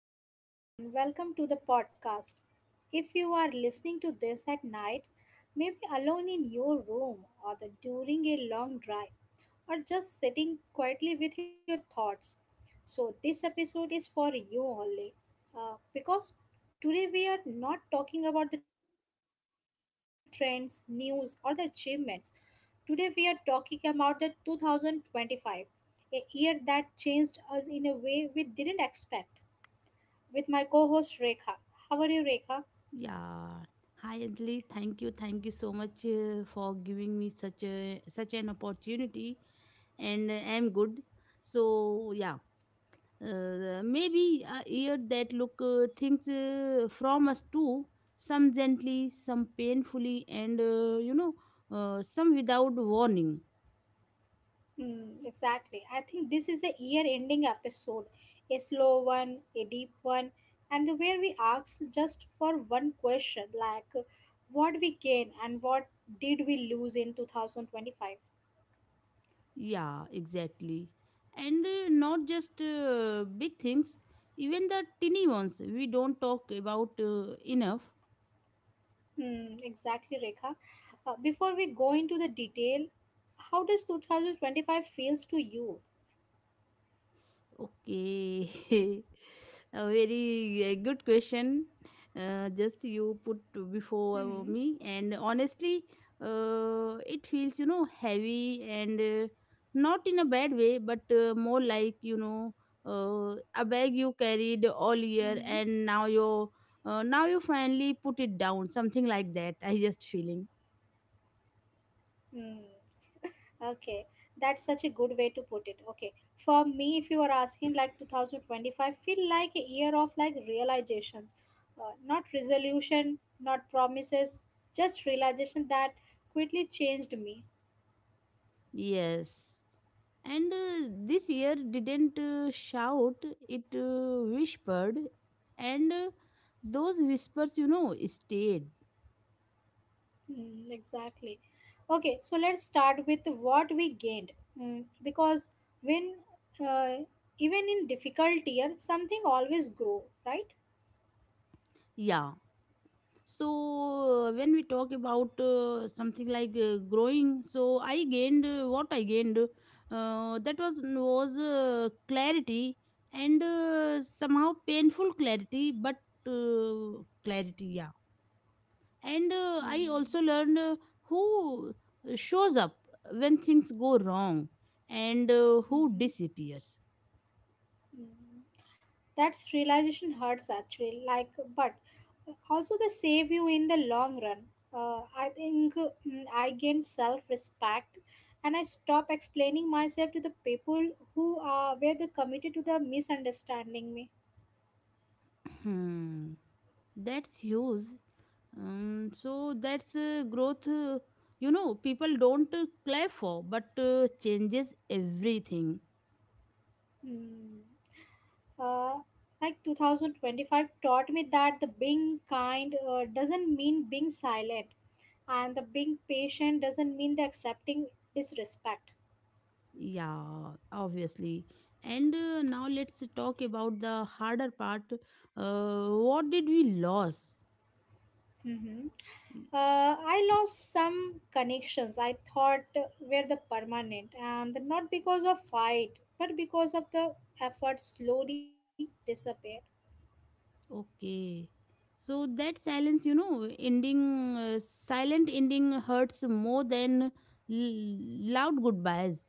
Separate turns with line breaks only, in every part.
everyone, and welcome to the podcast. If you are listening to this at night, maybe alone in your room, during a long drive, or just sitting quietly with your thoughts, so this episode is for you only. Because today we are not talking about the trends, news, or the achievements. Today we are talking about the 2025, a year that changed us in a way we didn't expect with my co-host Rekha. How are you, Rekha?
Yeah. Hi, Anjali. Thank you. Thank you so much, for giving me such an opportunity, and I'm good. So yeah, maybe a year that look things from us too. Some gently, some painfully, and some without warning.
Mm, exactly. I think this is a year-ending episode, a slow one, a deep one, and the where we ask just for one question, like what we gain and what did we lose in 2025.
Yeah, exactly. And not just big things, even the tiny ones we don't talk about enough.
Hmm, exactly, Rekha. Before we go into the detail, how does 2025 feels to you?
Okay, a very good question. Just you put
Hmm.
before me, and honestly, it feels heavy and not in a bad way, but more like a bag you
Hmm.
carried all year, and now you finally put it down, something like that. I just feeling.
Hmm. Okay, that's such a good way to put it. Okay, for me, if you are asking like 2025, feel like a year of like realizations, not resolution, not promises, just realization that quickly changed me.
Yes. And this year didn't shout, it whispered. And those whispers, stayed.
Mm, exactly. Okay, so let's start with what we gained. Mm, because when uh, even in difficult year, something always grow, right?
Yeah. So when we talk about something like growing, so I gained what I gained. That was clarity, and somehow painful clarity, but clarity. Yeah, and I
Mm,
also learned who shows up when things go wrong and who
mhm,
disappears.
mm. That's realization hurts actually. Like, but also they save you in the long run. I think I gained self-respect, and I stop explaining myself to the people who are where they committed to the misunderstanding me.
Hmm. That's huge. So that's growth, people don't clap for, but changes everything.
Hmm. Uh, like 2025 taught me that the being kind doesn't mean being silent, and the being patient doesn't mean the accepting disrespect.
Yeah, obviously. And now let's talk about the harder part. What did we lose?
Mm-hmm. I lost some connections I thought were the permanent, and not because of fight, but because of the effort slowly disappeared.
Okay. So that silence, you know, ending, silent ending hurts more than loud goodbyes.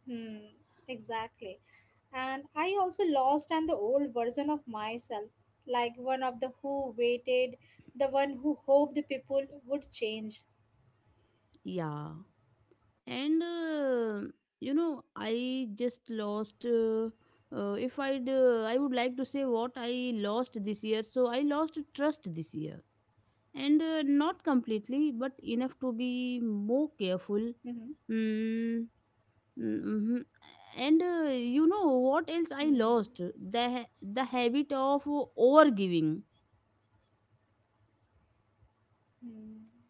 Hmm, exactly. And I also lost and the old version of myself, like one of the who waited, the one who hoped people would change.
Yeah. And I just lost. If I'd, I would like to say what I lost this year. So I lost trust this year. And not completely, but enough to
Mm-hmm.
be more careful. Mm, mm, mhm. And you know
Hmm.
what else I lost? The habit of overgiving.
Hmm,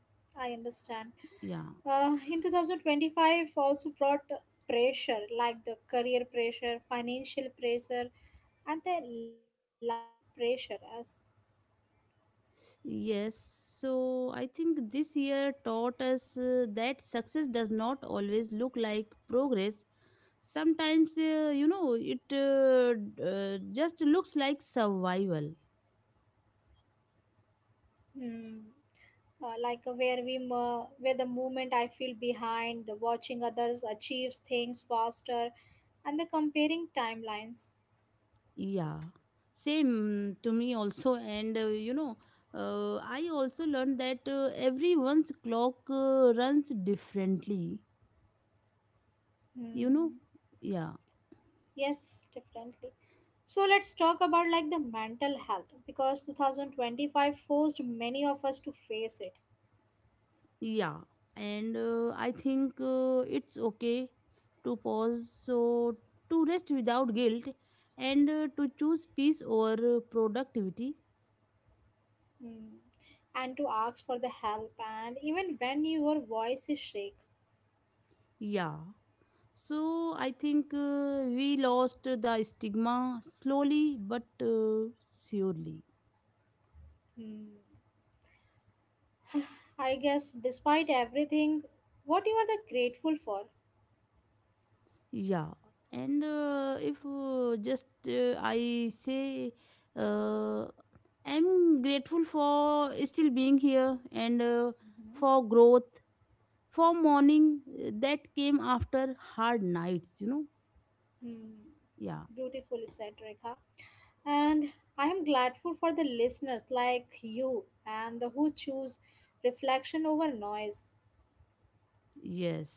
I understand.
Yeah,
In 2025 also brought pressure like the career pressure, financial pressure, and the life pressure as
yes. So I think this year taught us that success does not always look like progress. Sometimes it just looks like survival.
hmm, like where the moment I feel behind, the watching others achieves things faster, and the comparing timelines.
Yeah, same to me also. And I also learned that everyone's clock runs differently you know
Hmm.
yeah.
Yes, definitely. So let's talk about like the mental health because 2025 forced many of us to face it.
Yeah, and I think it's okay to pause, so to rest without guilt, and to choose peace over productivity.
Hmm. And to ask for the help and even when your voice is shake.
Yeah. So I think we lost the stigma slowly but surely.
Hmm. I guess despite everything, what you are the grateful for?
Yeah. And if just I say, uh, I'm grateful for still being here and
Mhm.
for growth, for morning that came after hard nights.
Hmm.
Yeah.
Beautifully said, Rekha. And I am grateful for the listeners like you and the who choose reflection over noise.
Yes.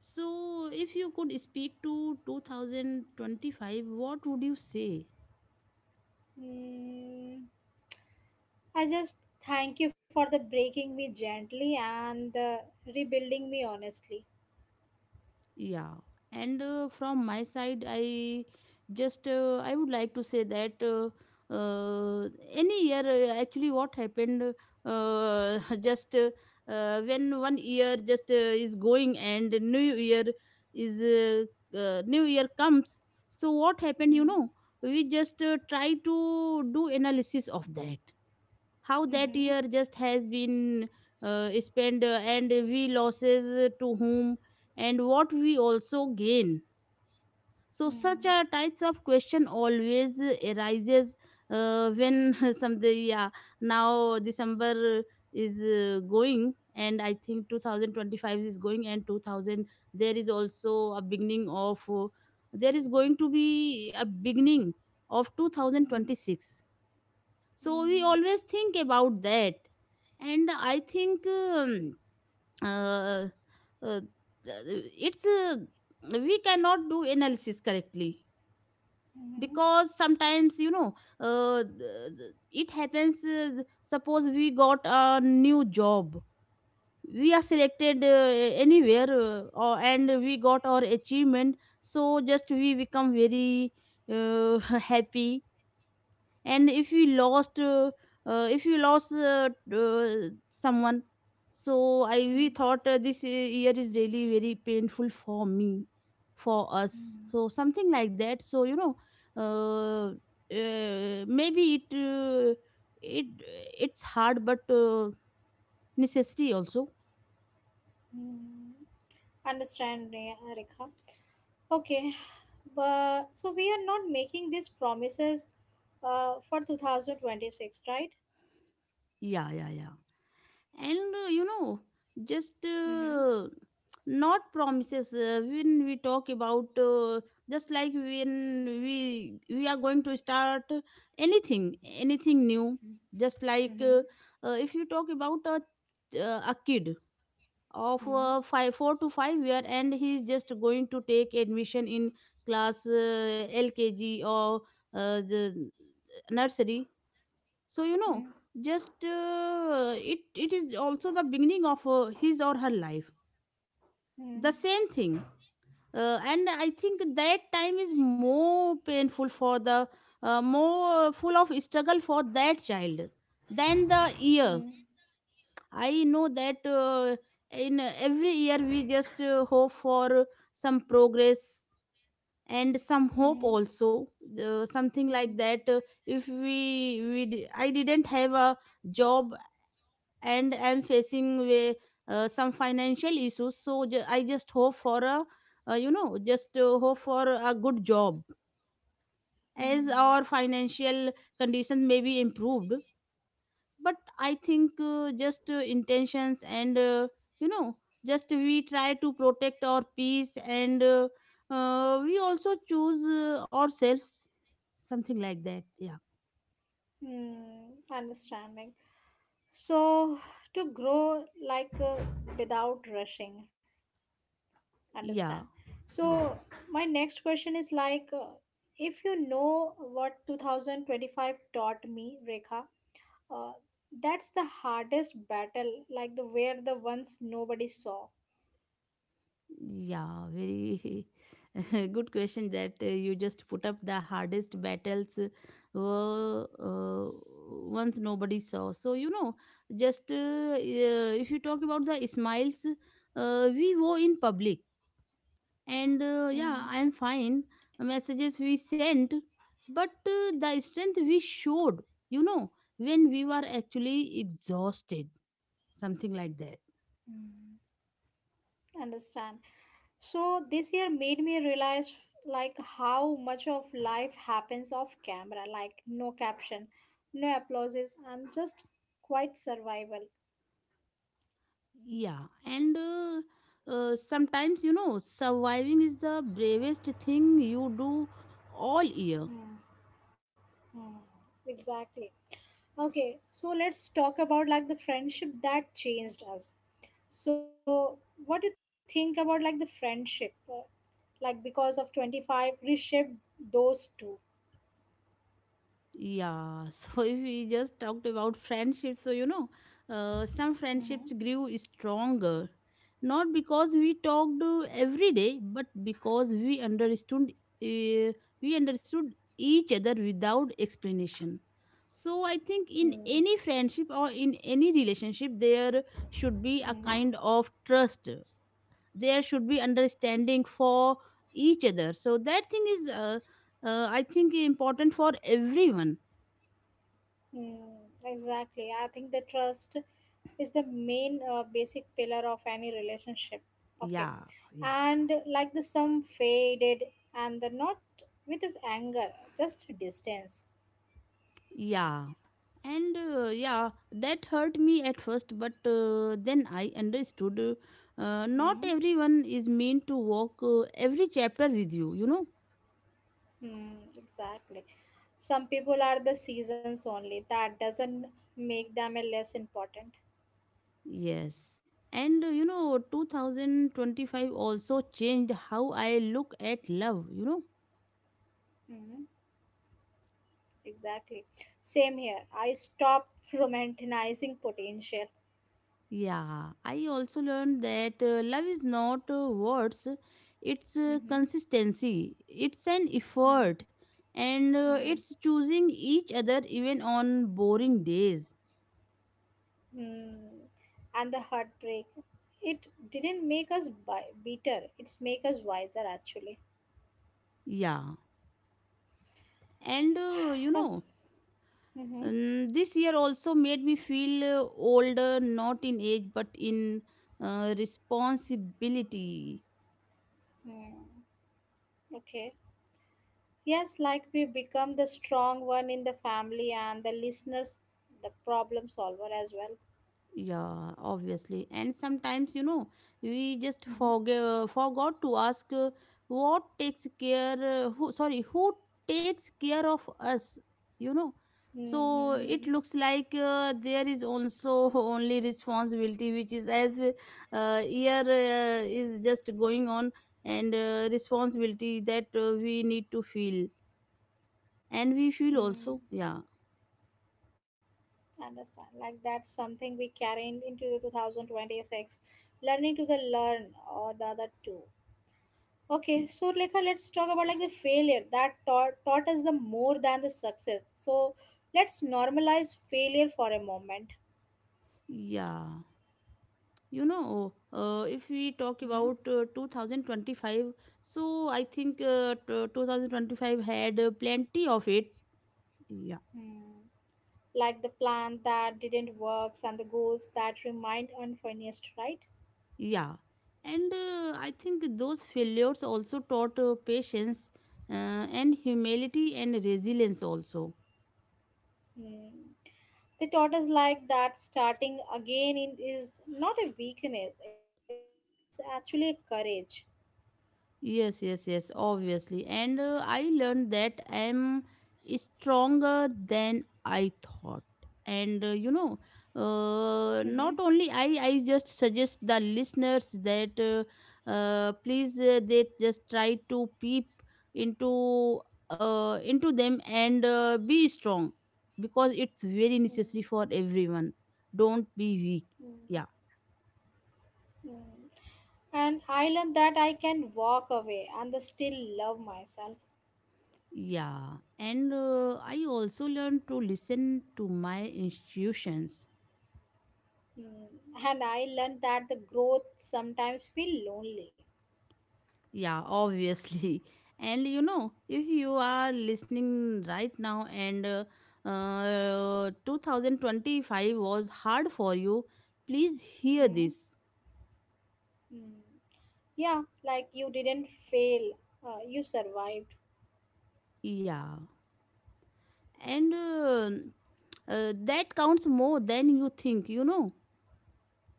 So if you could speak to 2025, what would you say?
Hmm. I just thank you for the breaking me gently and the rebuilding me honestly.
Yeah, and from my side, I would like to say that any year, actually, what happened, just when one year just is going and new year is new year comes. So what happened?
Mm,
We just try to do analysis of that, how that
mhm,
year just has been spent, and we losses to whom and what we also gain. So such
mm,
a types of question always arises when some the. Yeah. Now December is going, and I think 2025 is going, and 2000, there is also a beginning of uh, there is going to be a beginning of
mm,
2026. So we
mm,
always think about that. And I think, uh, uh, it's we cannot do analysis correctly,
mhm,
because sometimes, uh, it happens. Suppose we got a new job, we are selected anywhere, and we got our achievement, so just we become very uh, happy. And if we lost, if you lost someone, so I we
mm,
thought this year is really very painful for me, for us,
mm,
so something like that. So uh, maybe it, it it's hard, but necessity also.
mm. Understand, Rekha. Okay, but so we are not making these promises for 2026, right?
Yeah, yeah, yeah. And you know just
Mm-hmm.
not promises. When we talk about, just like when we are going to start anything, new, just like,
Mm-hmm.
if you talk about a kid of 4 to 5 year, and he is just going to take admission in class lkg or the nursery. So, you know
Mm-hmm.
just it is also the beginning of his or her life, the same thing. And I think that time is more painful for the more full of struggle for that child than the
Mm-hmm.
year. I know that in every year we just hope for some progress and some
Mm-hmm.
hope also, something like that. If we we di- I didn't have a job, and I'm facing way, some financial issues. So, I just hope for a good job, as
Mm-hmm.
our financial conditions may be improved. But I think just intentions, and you know just we try to protect our peace, and we also choose ourselves, something like that. Yeah,
Mm, understanding. So to grow like without rushing, understand.
yeah,
So
yeah.
my next question is like if you know what 2025 taught me, Rekha. uh, that's the hardest battle, like the where the ones nobody saw.
Yeah, very good question that you just put up. The hardest battles were once nobody saw. So, you know, just if you talk about the smiles we wore in public, and yeah, I'm
Hmm,
fine, messages we sent, but the strength we showed, you know, when we were actually exhausted, something like that.
understand. So this year made me realize like how much of life happens off camera, like no caption, no applauses, and just quite survival.
Yeah, and sometimes, surviving is the bravest thing you do all year.
Hmm. Hmm. Exactly. Okay, so let's talk about like the friendship that changed us. So, what do you think about like the friendship, like because of 25 reshaped those two?
Yeah, so if we just talked about friendships. So, some
Mm-hmm.
friendships grew stronger, not because we talked every day, but because uh, we understood each other without explanation. So I think in
Mm,
any friendship or in any relationship, there should be a
mm,
kind of trust. There should be understanding for each other. So that thing is, I think, important for everyone.
mm, exactly. I think the trust is the main basic pillar of any relationship. Okay.
Yeah, yeah,
And like the some faded and the not with anger, just distance.
yeah. And yeah, that hurt me at first, but then I understood, not
Hmm?
everyone is meant to walk every chapter with you you know
Hmm, exactly. Some people are the seasons only. That doesn't make them a less important.
Yes. And 2025 also changed how I look at love.
Hmm, exactly. Same here. I stop romanticizing potential.
Yeah, I also learned that love is not words, it's
Mm-hmm.
consistency, it's an
Hmm,
effort, and
hmm,
it's choosing each other even on boring days.
hmm. And the heartbreak. It didn't make us bitter. It's make us wiser actually.
Yeah, and
Huh. Mm-hmm.
this year also made me feel older, not in age but in responsibility.
Hmm. Okay. Yes, like we become the strong one in the family and the listeners, the problem solver as well.
Yeah, obviously. And sometimes, we just
Hmm.
forgot to ask, what takes care, who, sorry, who takes care of us, you know. So it
Mm-hmm.
looks like, there is also only responsibility, which is as year is just going on, and responsibility that we need to feel, and we feel also.
Mm,
Yeah.
understand. Like that's something we carry into the 2026. Learning to the learn or the other two. Okay,
Y-
so Lekha, let's talk about like the failure that taught us the more than the success. So let's normalize failure for a moment.
yeah. If we talk
Mm-hmm.
about 2025, so I think 2025 had plenty of it. Yeah,
Mm. Like the plan that didn't works and the goals that remained unfinished, right?
yeah. And I think those failures also taught patience, and humility and resilience also.
Hmm. They taught us like that starting again, is not a weakness, it's actually a courage.
Yes, yes, yes, obviously. And I learned that I'm stronger than I thought. And
Mm-hmm.
not only I just suggest the listeners that please, they just try to peep into into them, and be strong, because it's very
Mm,
necessary for everyone. Don't be weak.
mm,
Yeah.
mm. And I learned that I can walk away and the still love myself.
Yeah, and I also learned to listen to my institutions.
Mm. And I learned that the growth sometimes feel lonely.
Yeah, obviously. And if you are listening right now, and 2025 was hard for you, please hear
Mm.
this.
Mm. Yeah, like you didn't fail, you survived.
Yeah, and that counts more than you think.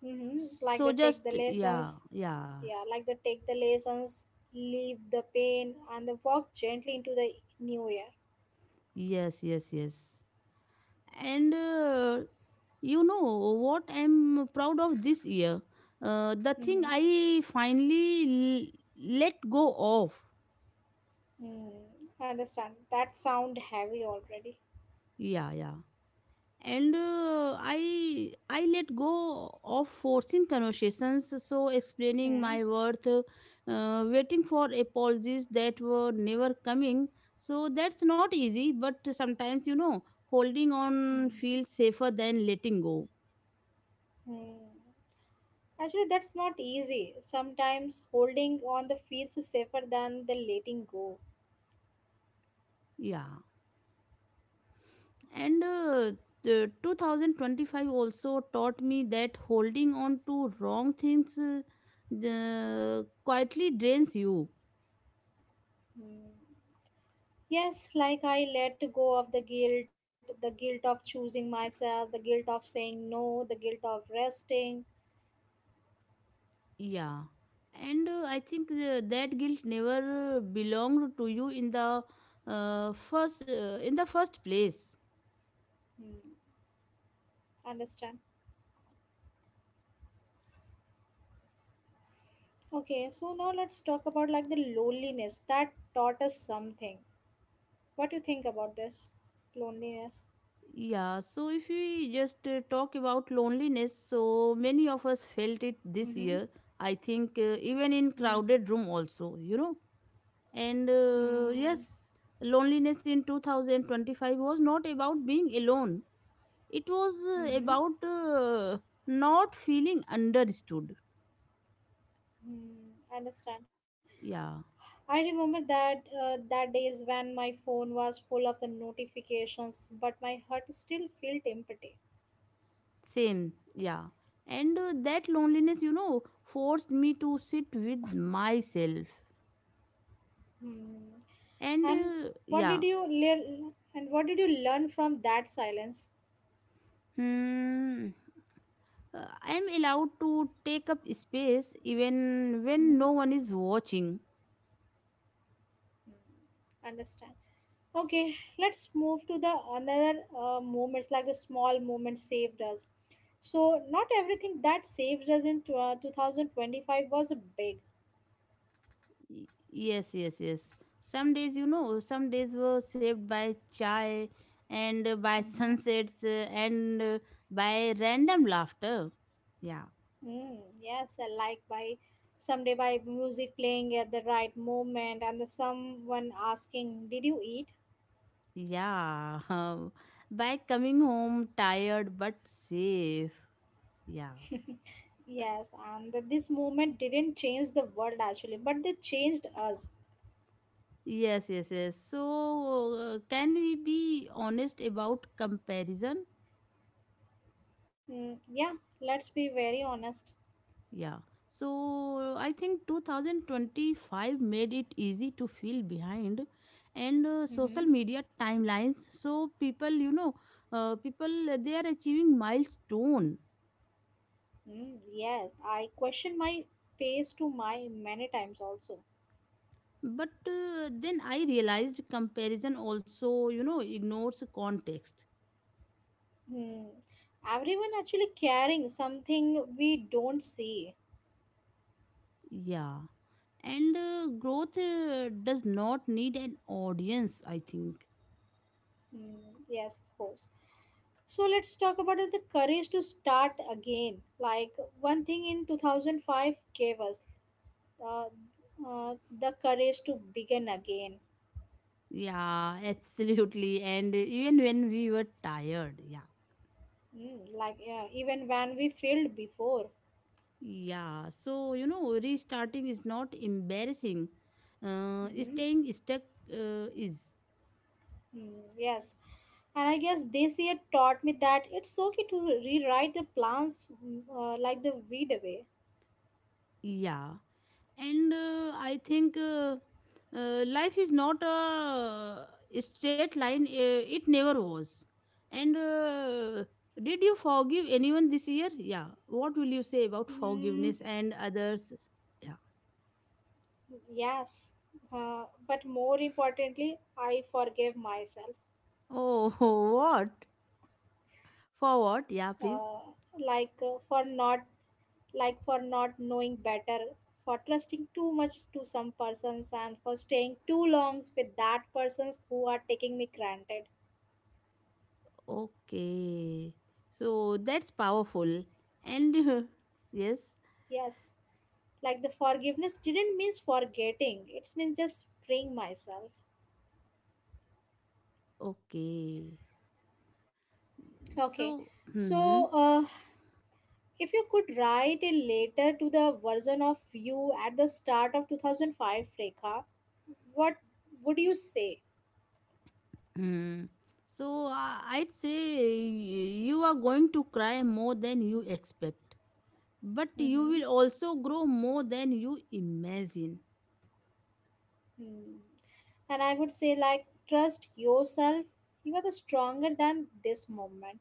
Mm-hmm. Like
So
they take
just,
the
yeah,
lessons,
yeah,
yeah, like they take the lessons, leave the pain, and they walk gently into the new year.
yes, yes, yes. And you know what I'm proud of this year? The thing
Mm-hmm.
I finally let go of.
Mm, understand. That sound heavy already.
Yeah, yeah. And I let go of forcing conversations, so explaining
Mm,
my worth, waiting for apologies that were never coming. So that's not easy, but sometimes, holding on
mm,
feels safer than letting go.
mm. Actually, that's not easy. Sometimes holding on the feels safer than the letting go.
Yeah. And the 2025 also taught me that holding on to wrong things quietly drains you.
Mm. Yes, like I let go of the guilt of choosing myself, the guilt of saying no, the guilt of resting.
Yeah. And I think, that guilt never belonged to you in the first place.
Mm-hmm. Understand. Okay, so now let's talk about like the loneliness that taught us something. What do you think about this? Loneliness.
Yeah, so if we just talk about loneliness, so many of us felt it
Mm-hmm.
this year. I think even in crowded room also, you know, and
Mm-hmm.
yes, loneliness in 2025 was not about being alone. It was
Mm-hmm.
about not feeling understood.
Mm, understand.
Yeah,
I remember that days when my phone was full of the notifications, but my heart still felt empty.
same, yeah. and that loneliness forced me to sit with myself,
Hmm.
and
And what did
yeah.
you learn? And what did you learn from that silence?
Hmm, I am allowed to take up space even when no
Hmm?
one is watching.
Understand. Okay, let's move to the another moments like the small moments saved us. So not everything that saved us in 2025 was big.
Yes, yes, yes. Some days, some days were saved by chai and by
Mm-hmm.
sunsets, and by random laughter, yeah
Mm, yes, I like by someday by music playing at the right moment and the someone asking did you eat.
yeah. By coming home tired but safe, yeah.
Yes, and this movement didn't change the world actually but they changed us.
Yes, yes, yes. So can we be honest about comparison?
Mm, yeah, let's be very honest.
Yeah. So I think 2025 made it easy to feel behind, and social
Mm-hmm.
media timelines. So people, you know, people they are achieving milestone.
Hmm. Yes, I question my pace to my many times also.
But then I realized comparison also, you know, ignores context.
Hmm. Everyone actually carrying something we don't see.
Yeah. And growth does not need an audience, I think.
Hmm. Yes, of course. So let's talk about is the courage to start again. Like one thing in 2005 gave us uh, the courage to begin again.
Yeah, absolutely. And even when we were tired, yeah.
Mm, like yeah, even when we failed before.
Yeah, so you know, restarting is not embarrassing.
Mm-hmm.
Staying stuck uh, is,
Hmm, yes. And I guess this year taught me that it's okay to rewrite the plans like the weed away.
yeah. And I think life is not a straight line, it never was. And did you forgive anyone this year? Yeah. What will you say about
Mm,
forgiveness and others? Yeah.
yes. But more importantly, I forgave myself.
Oh, what? For
Uh,
what? Yeah, please.
like for not knowing better, for trusting too much to some persons and for staying too long with that persons who are taking me granted.
Okay. So that's powerful. And yes.
Yes. Like the forgiveness didn't mean forgetting, it's means just freeing myself.
Okay.
Okay,
So hmm
so if you could write a letter to the version of you at the start of 2005, Rekha, what would you say?
hmm. So I'd say you are going to cry more than you expect, but you
Mm-hmm.
will also grow more than you imagine.
Hmm. And I would say like trust yourself, you are the stronger than this moment.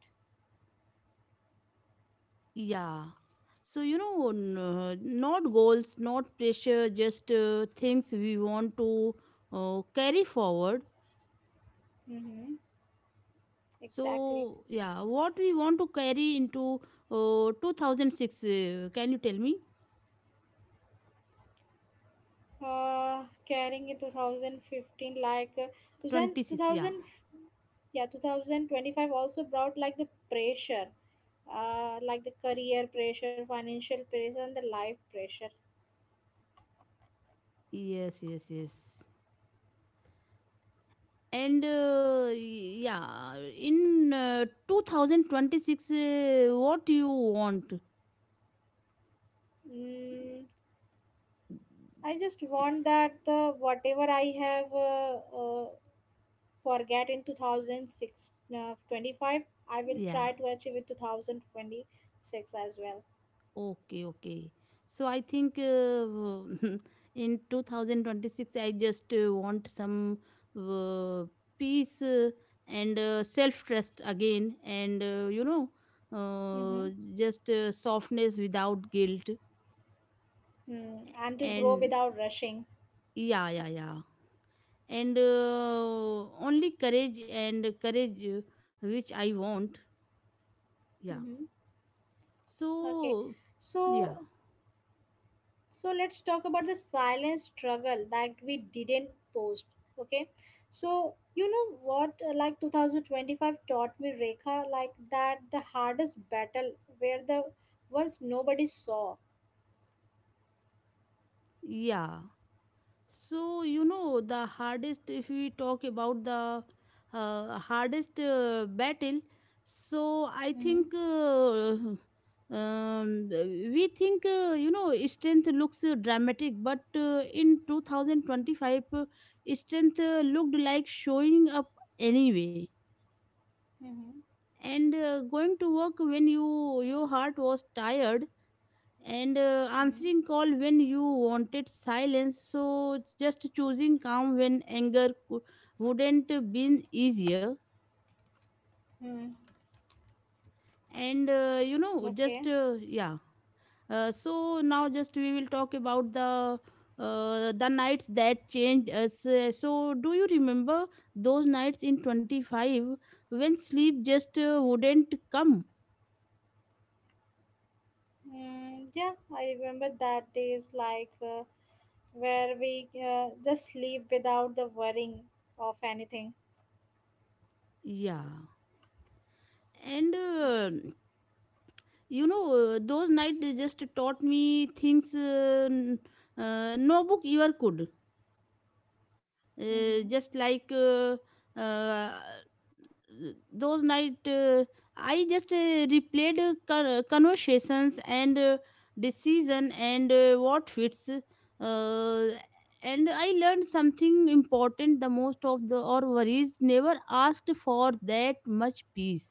Yeah. So you know, not goals, not pressure, just things we want to carry forward.
Mm-hmm. Exactly.
So yeah, what we want to carry into 2006? Can you tell me?
Carrying in 2015, like
26. Yeah.
2000, yeah, 2025 also brought like the pressure, like the career pressure, financial pressure, and the life pressure.
Yes. Yes. Yes. And uh, yeah, in 2026, what you want?
Mm, I just want that whatever I have, uh, forget in 2006, 25, I will
Yeah, yeah.
try to achieve in 2026 as well.
Okay, okay. So I think in 2026, I just want some uh, peace and self trust again, and you know, uh,
Mm-hmm.
just softness without guilt.
Mm. And to grow
And
without rushing.
yeah, yeah, yeah. And only courage and courage which I want.
Mm-hmm.
Yeah.
Okay,
So, yeah,
so let's talk about the silent struggle that we didn't post. Okay, so you know what, like 2025 taught me, Rekha, like that the hardest battle where the ones nobody saw.
yeah. So, you know, the hardest, if we talk about the hardest battle, so I
Mm-hmm.
think we think, you know, strength looks dramatic, but in 2025, strength looked like showing up anyway,
Mm-hmm.
and going to work when your heart was tired, and
Mm-hmm.
answering call when you wanted silence, so just choosing calm when wouldn't been easier.
Mm-hmm.
And you know just
Okay.
yeah. So now just we will talk about the nights that changed us. So do you remember those nights in 25 when sleep just wouldn't come?
Mm, yeah, I remember that day is like where we just sleep without the worrying of anything.
Yeah. and you know those night they just taught me things, no book ever could,
Mm-hmm.
just like uh, those night I just replayed, conversations and decision and what fits, and I learned something important: the most of the or worries never asked for that much peace,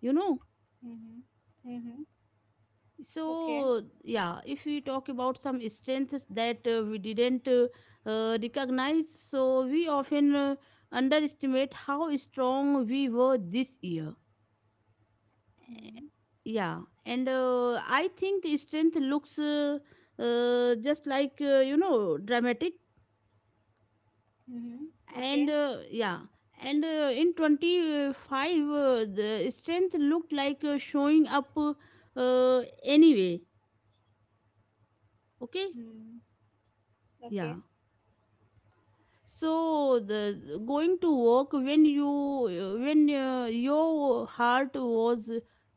you know.
Mm-hmm. Mm-hmm. Okay.
So yeah, if we talk about some strengths that we didn't recognize, so we often underestimate how strong we were this year.
Mm.
Yeah. and I think strength looks just like you know, dramatic,
Mhm.
and
Okay.
yeah. and in 25, the strength looked like showing up, anyway, okay,
Mm.
yeah.
Okay.
So the going to work when your heart was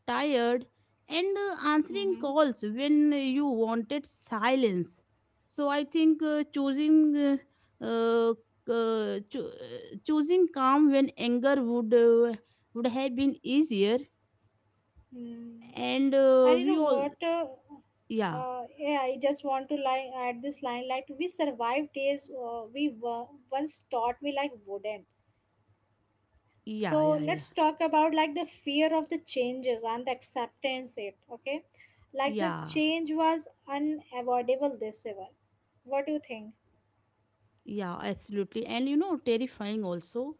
tired, and answering
Mhm.
calls when you wanted silence. So I think uh, choosing calm when anger would have been easier.
Mm.
And
And you know
we all,
what?
yeah,
Yeah, I just want to lie add this line like we survived days we were once taught me like wouldn't.
yeah,
So
yeah, yeah,
let's talk about like the fear of the changes and the acceptance it. Okay, like the
yeah.
change was unavoidable this year. What do you think?
Yeah, absolutely, and you know, terrifying also.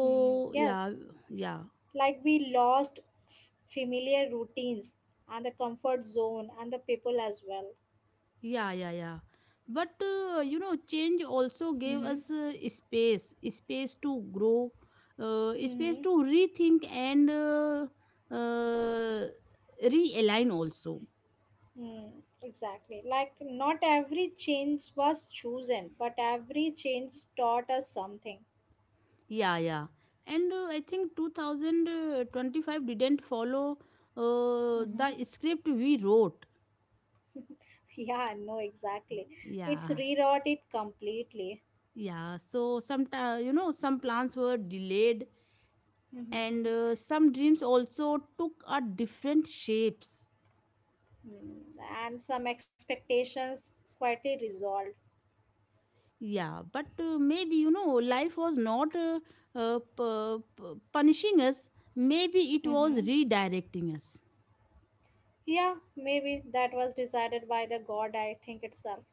Hmm.
yeah,
Yes.
yeah,
Like we lost familiar routines and the comfort zone and the people as well.
yeah, yeah, yeah. But you know, change also gave
Mm-hmm.
us space, space to grow, space
Mm-hmm.
to rethink, and uh, realign also.
Mm, exactly, like not every change was chosen but every change taught us something.
Yeah, yeah. And I think 2025 didn't follow
Mm-hmm.
the script we wrote.
Yeah, no, exactly,
Yeah,
it's rewrote it completely.
yeah. So some, you know, some plans were delayed, and
Mm-hmm.
some dreams also took a different shapes,
Mm. And some expectations quietly resolved.
yeah. But maybe you know life was not punishing us, maybe it was
Mm-hmm.
redirecting us.
Yeah, maybe that was decided by the god, I think itself.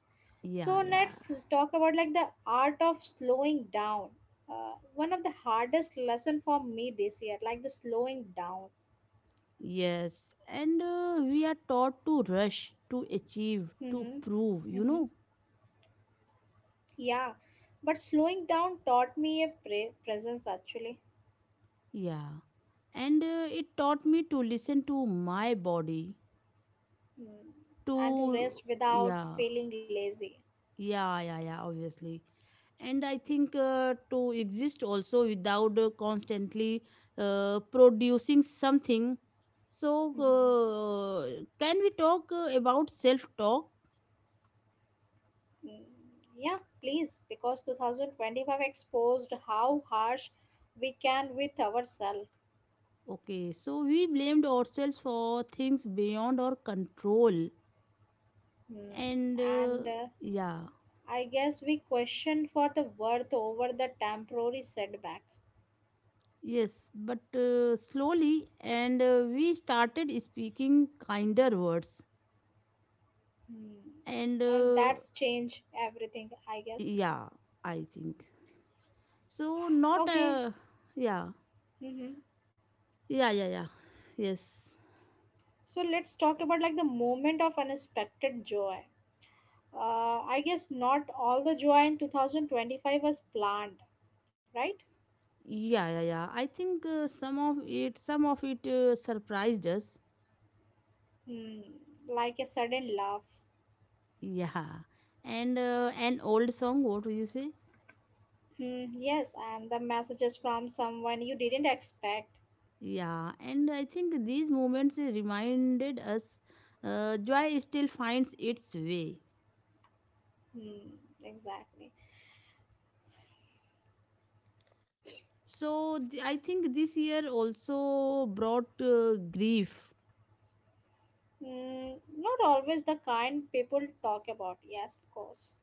Yeah,
So
yeah.
let's talk about like the art of slowing down. One of the hardest lesson for me this year, like the slowing down.
Yes, and we are taught to rush, to achieve, to
Mm-hmm.
prove, you
Mm-hmm.
know.
Yeah, but slowing down taught me a presence actually.
Yeah, and it taught me to listen to my body,
Mm.
to,
And to rest without
yeah,
feeling lazy.
yeah, yeah, yeah, obviously. And I think to exist also without constantly producing something. So
Mm-hmm.
can we talk about self talk?
Mm. Yeah, please, because 2025 exposed how harsh we can with ourselves.
Okay, so we blamed ourselves for things beyond our control,
Hmm.
and
And
yeah.
I guess we question for the worth over the temporary setback.
Yes, but slowly, and we started speaking kinder words,
Hmm.
and
And that's change everything, I guess.
yeah, I think. So not
Okay.
yeah,
Mm-hmm.
yeah, yeah, yeah, yes,
So let's talk about like the moment of unexpected joy. I guess not all the joy in 2025 was planned, right?
yeah, yeah, yeah. I think some of it, some of it surprised us,
Hmm. Like a sudden laugh.
yeah. and an old song, what do you say?
Hmm. Yes, and the messages from someone you didn't expect.
Yeah, and I think these moments reminded us joy still finds its way.
Hmm. Exactly.
So I think this year also brought grief.
Mm, not always the kind people talk about. Yes, of course.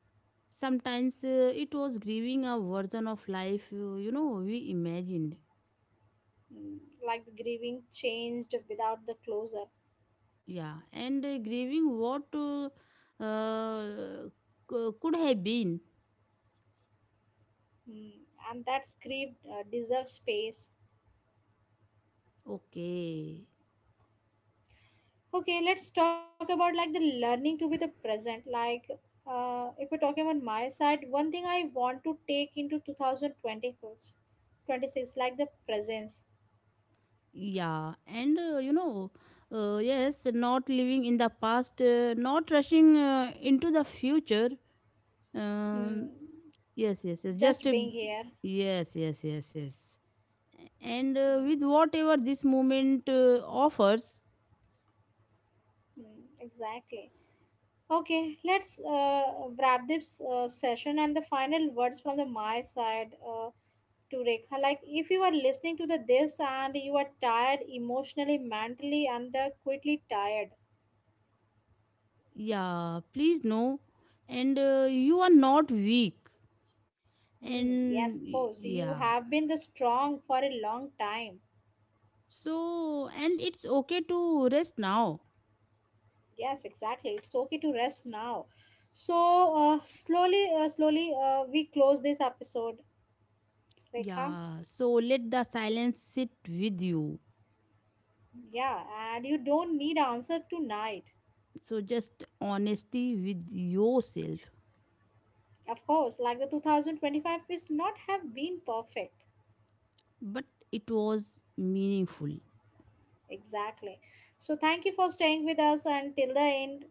Sometimes it was grieving a version of life, you know, we imagined.
Mm, like the grieving changed without the closure.
Yeah, and grieving what uh, could have been.
Mm, and that grief deserves space.
Okay.
Okay,
S-
let's talk about like the learning to be the present. Like, if we're talking about my side, one thing I want to take into 2024, 26, like the presence.
Yeah, and you know, yes, not living in the past, not rushing into the future. Um,
Mm,
yes, yes, yes, just
just being here.
yes, yes, yes, yes. And with
Mm,
whatever this moment offers,
mm, exactly. Okay, let's wrap this session and the final words from the my side to Rekha. Like, if you are listening to the this and you are tired emotionally, mentally, and the quickly tired.
yeah, please know, and you are not weak,
Hmm. Yes,
and
of
y-
course. You
yeah.
have been the strong for a long time.
So, and it's okay to rest now.
Yes, exactly. It's okay to rest now. So slowly, we close this episode, Rekha.
Yeah, so let the silence sit with you.
Yeah, and you don't need answer tonight.
So, just honesty with yourself.
Of course, like the 2025 is not have been perfect.
But it was meaningful.
Exactly. So thank you for staying with us until the end.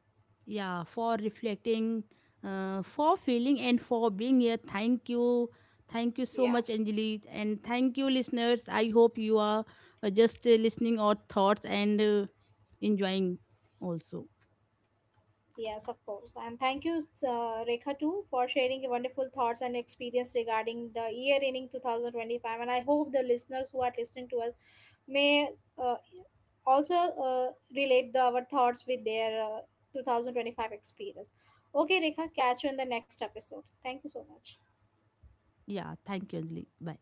Yeah, for reflecting, for feeling, and for being here. Thank you. Thank you so
Yeah.
much, Anjali. And thank you, listeners. I hope you are just listening our thoughts and enjoying also.
Yes, of course. And thank you, Rekha, too, for sharing your wonderful thoughts and experience regarding the year ending 2025. And I hope the listeners who are listening to us may uh, also relate our thoughts with their 2025 experience. Okay, Rekha, catch you in the next episode. Thank you so much.
Yeah, thank you, Anjali. Bye.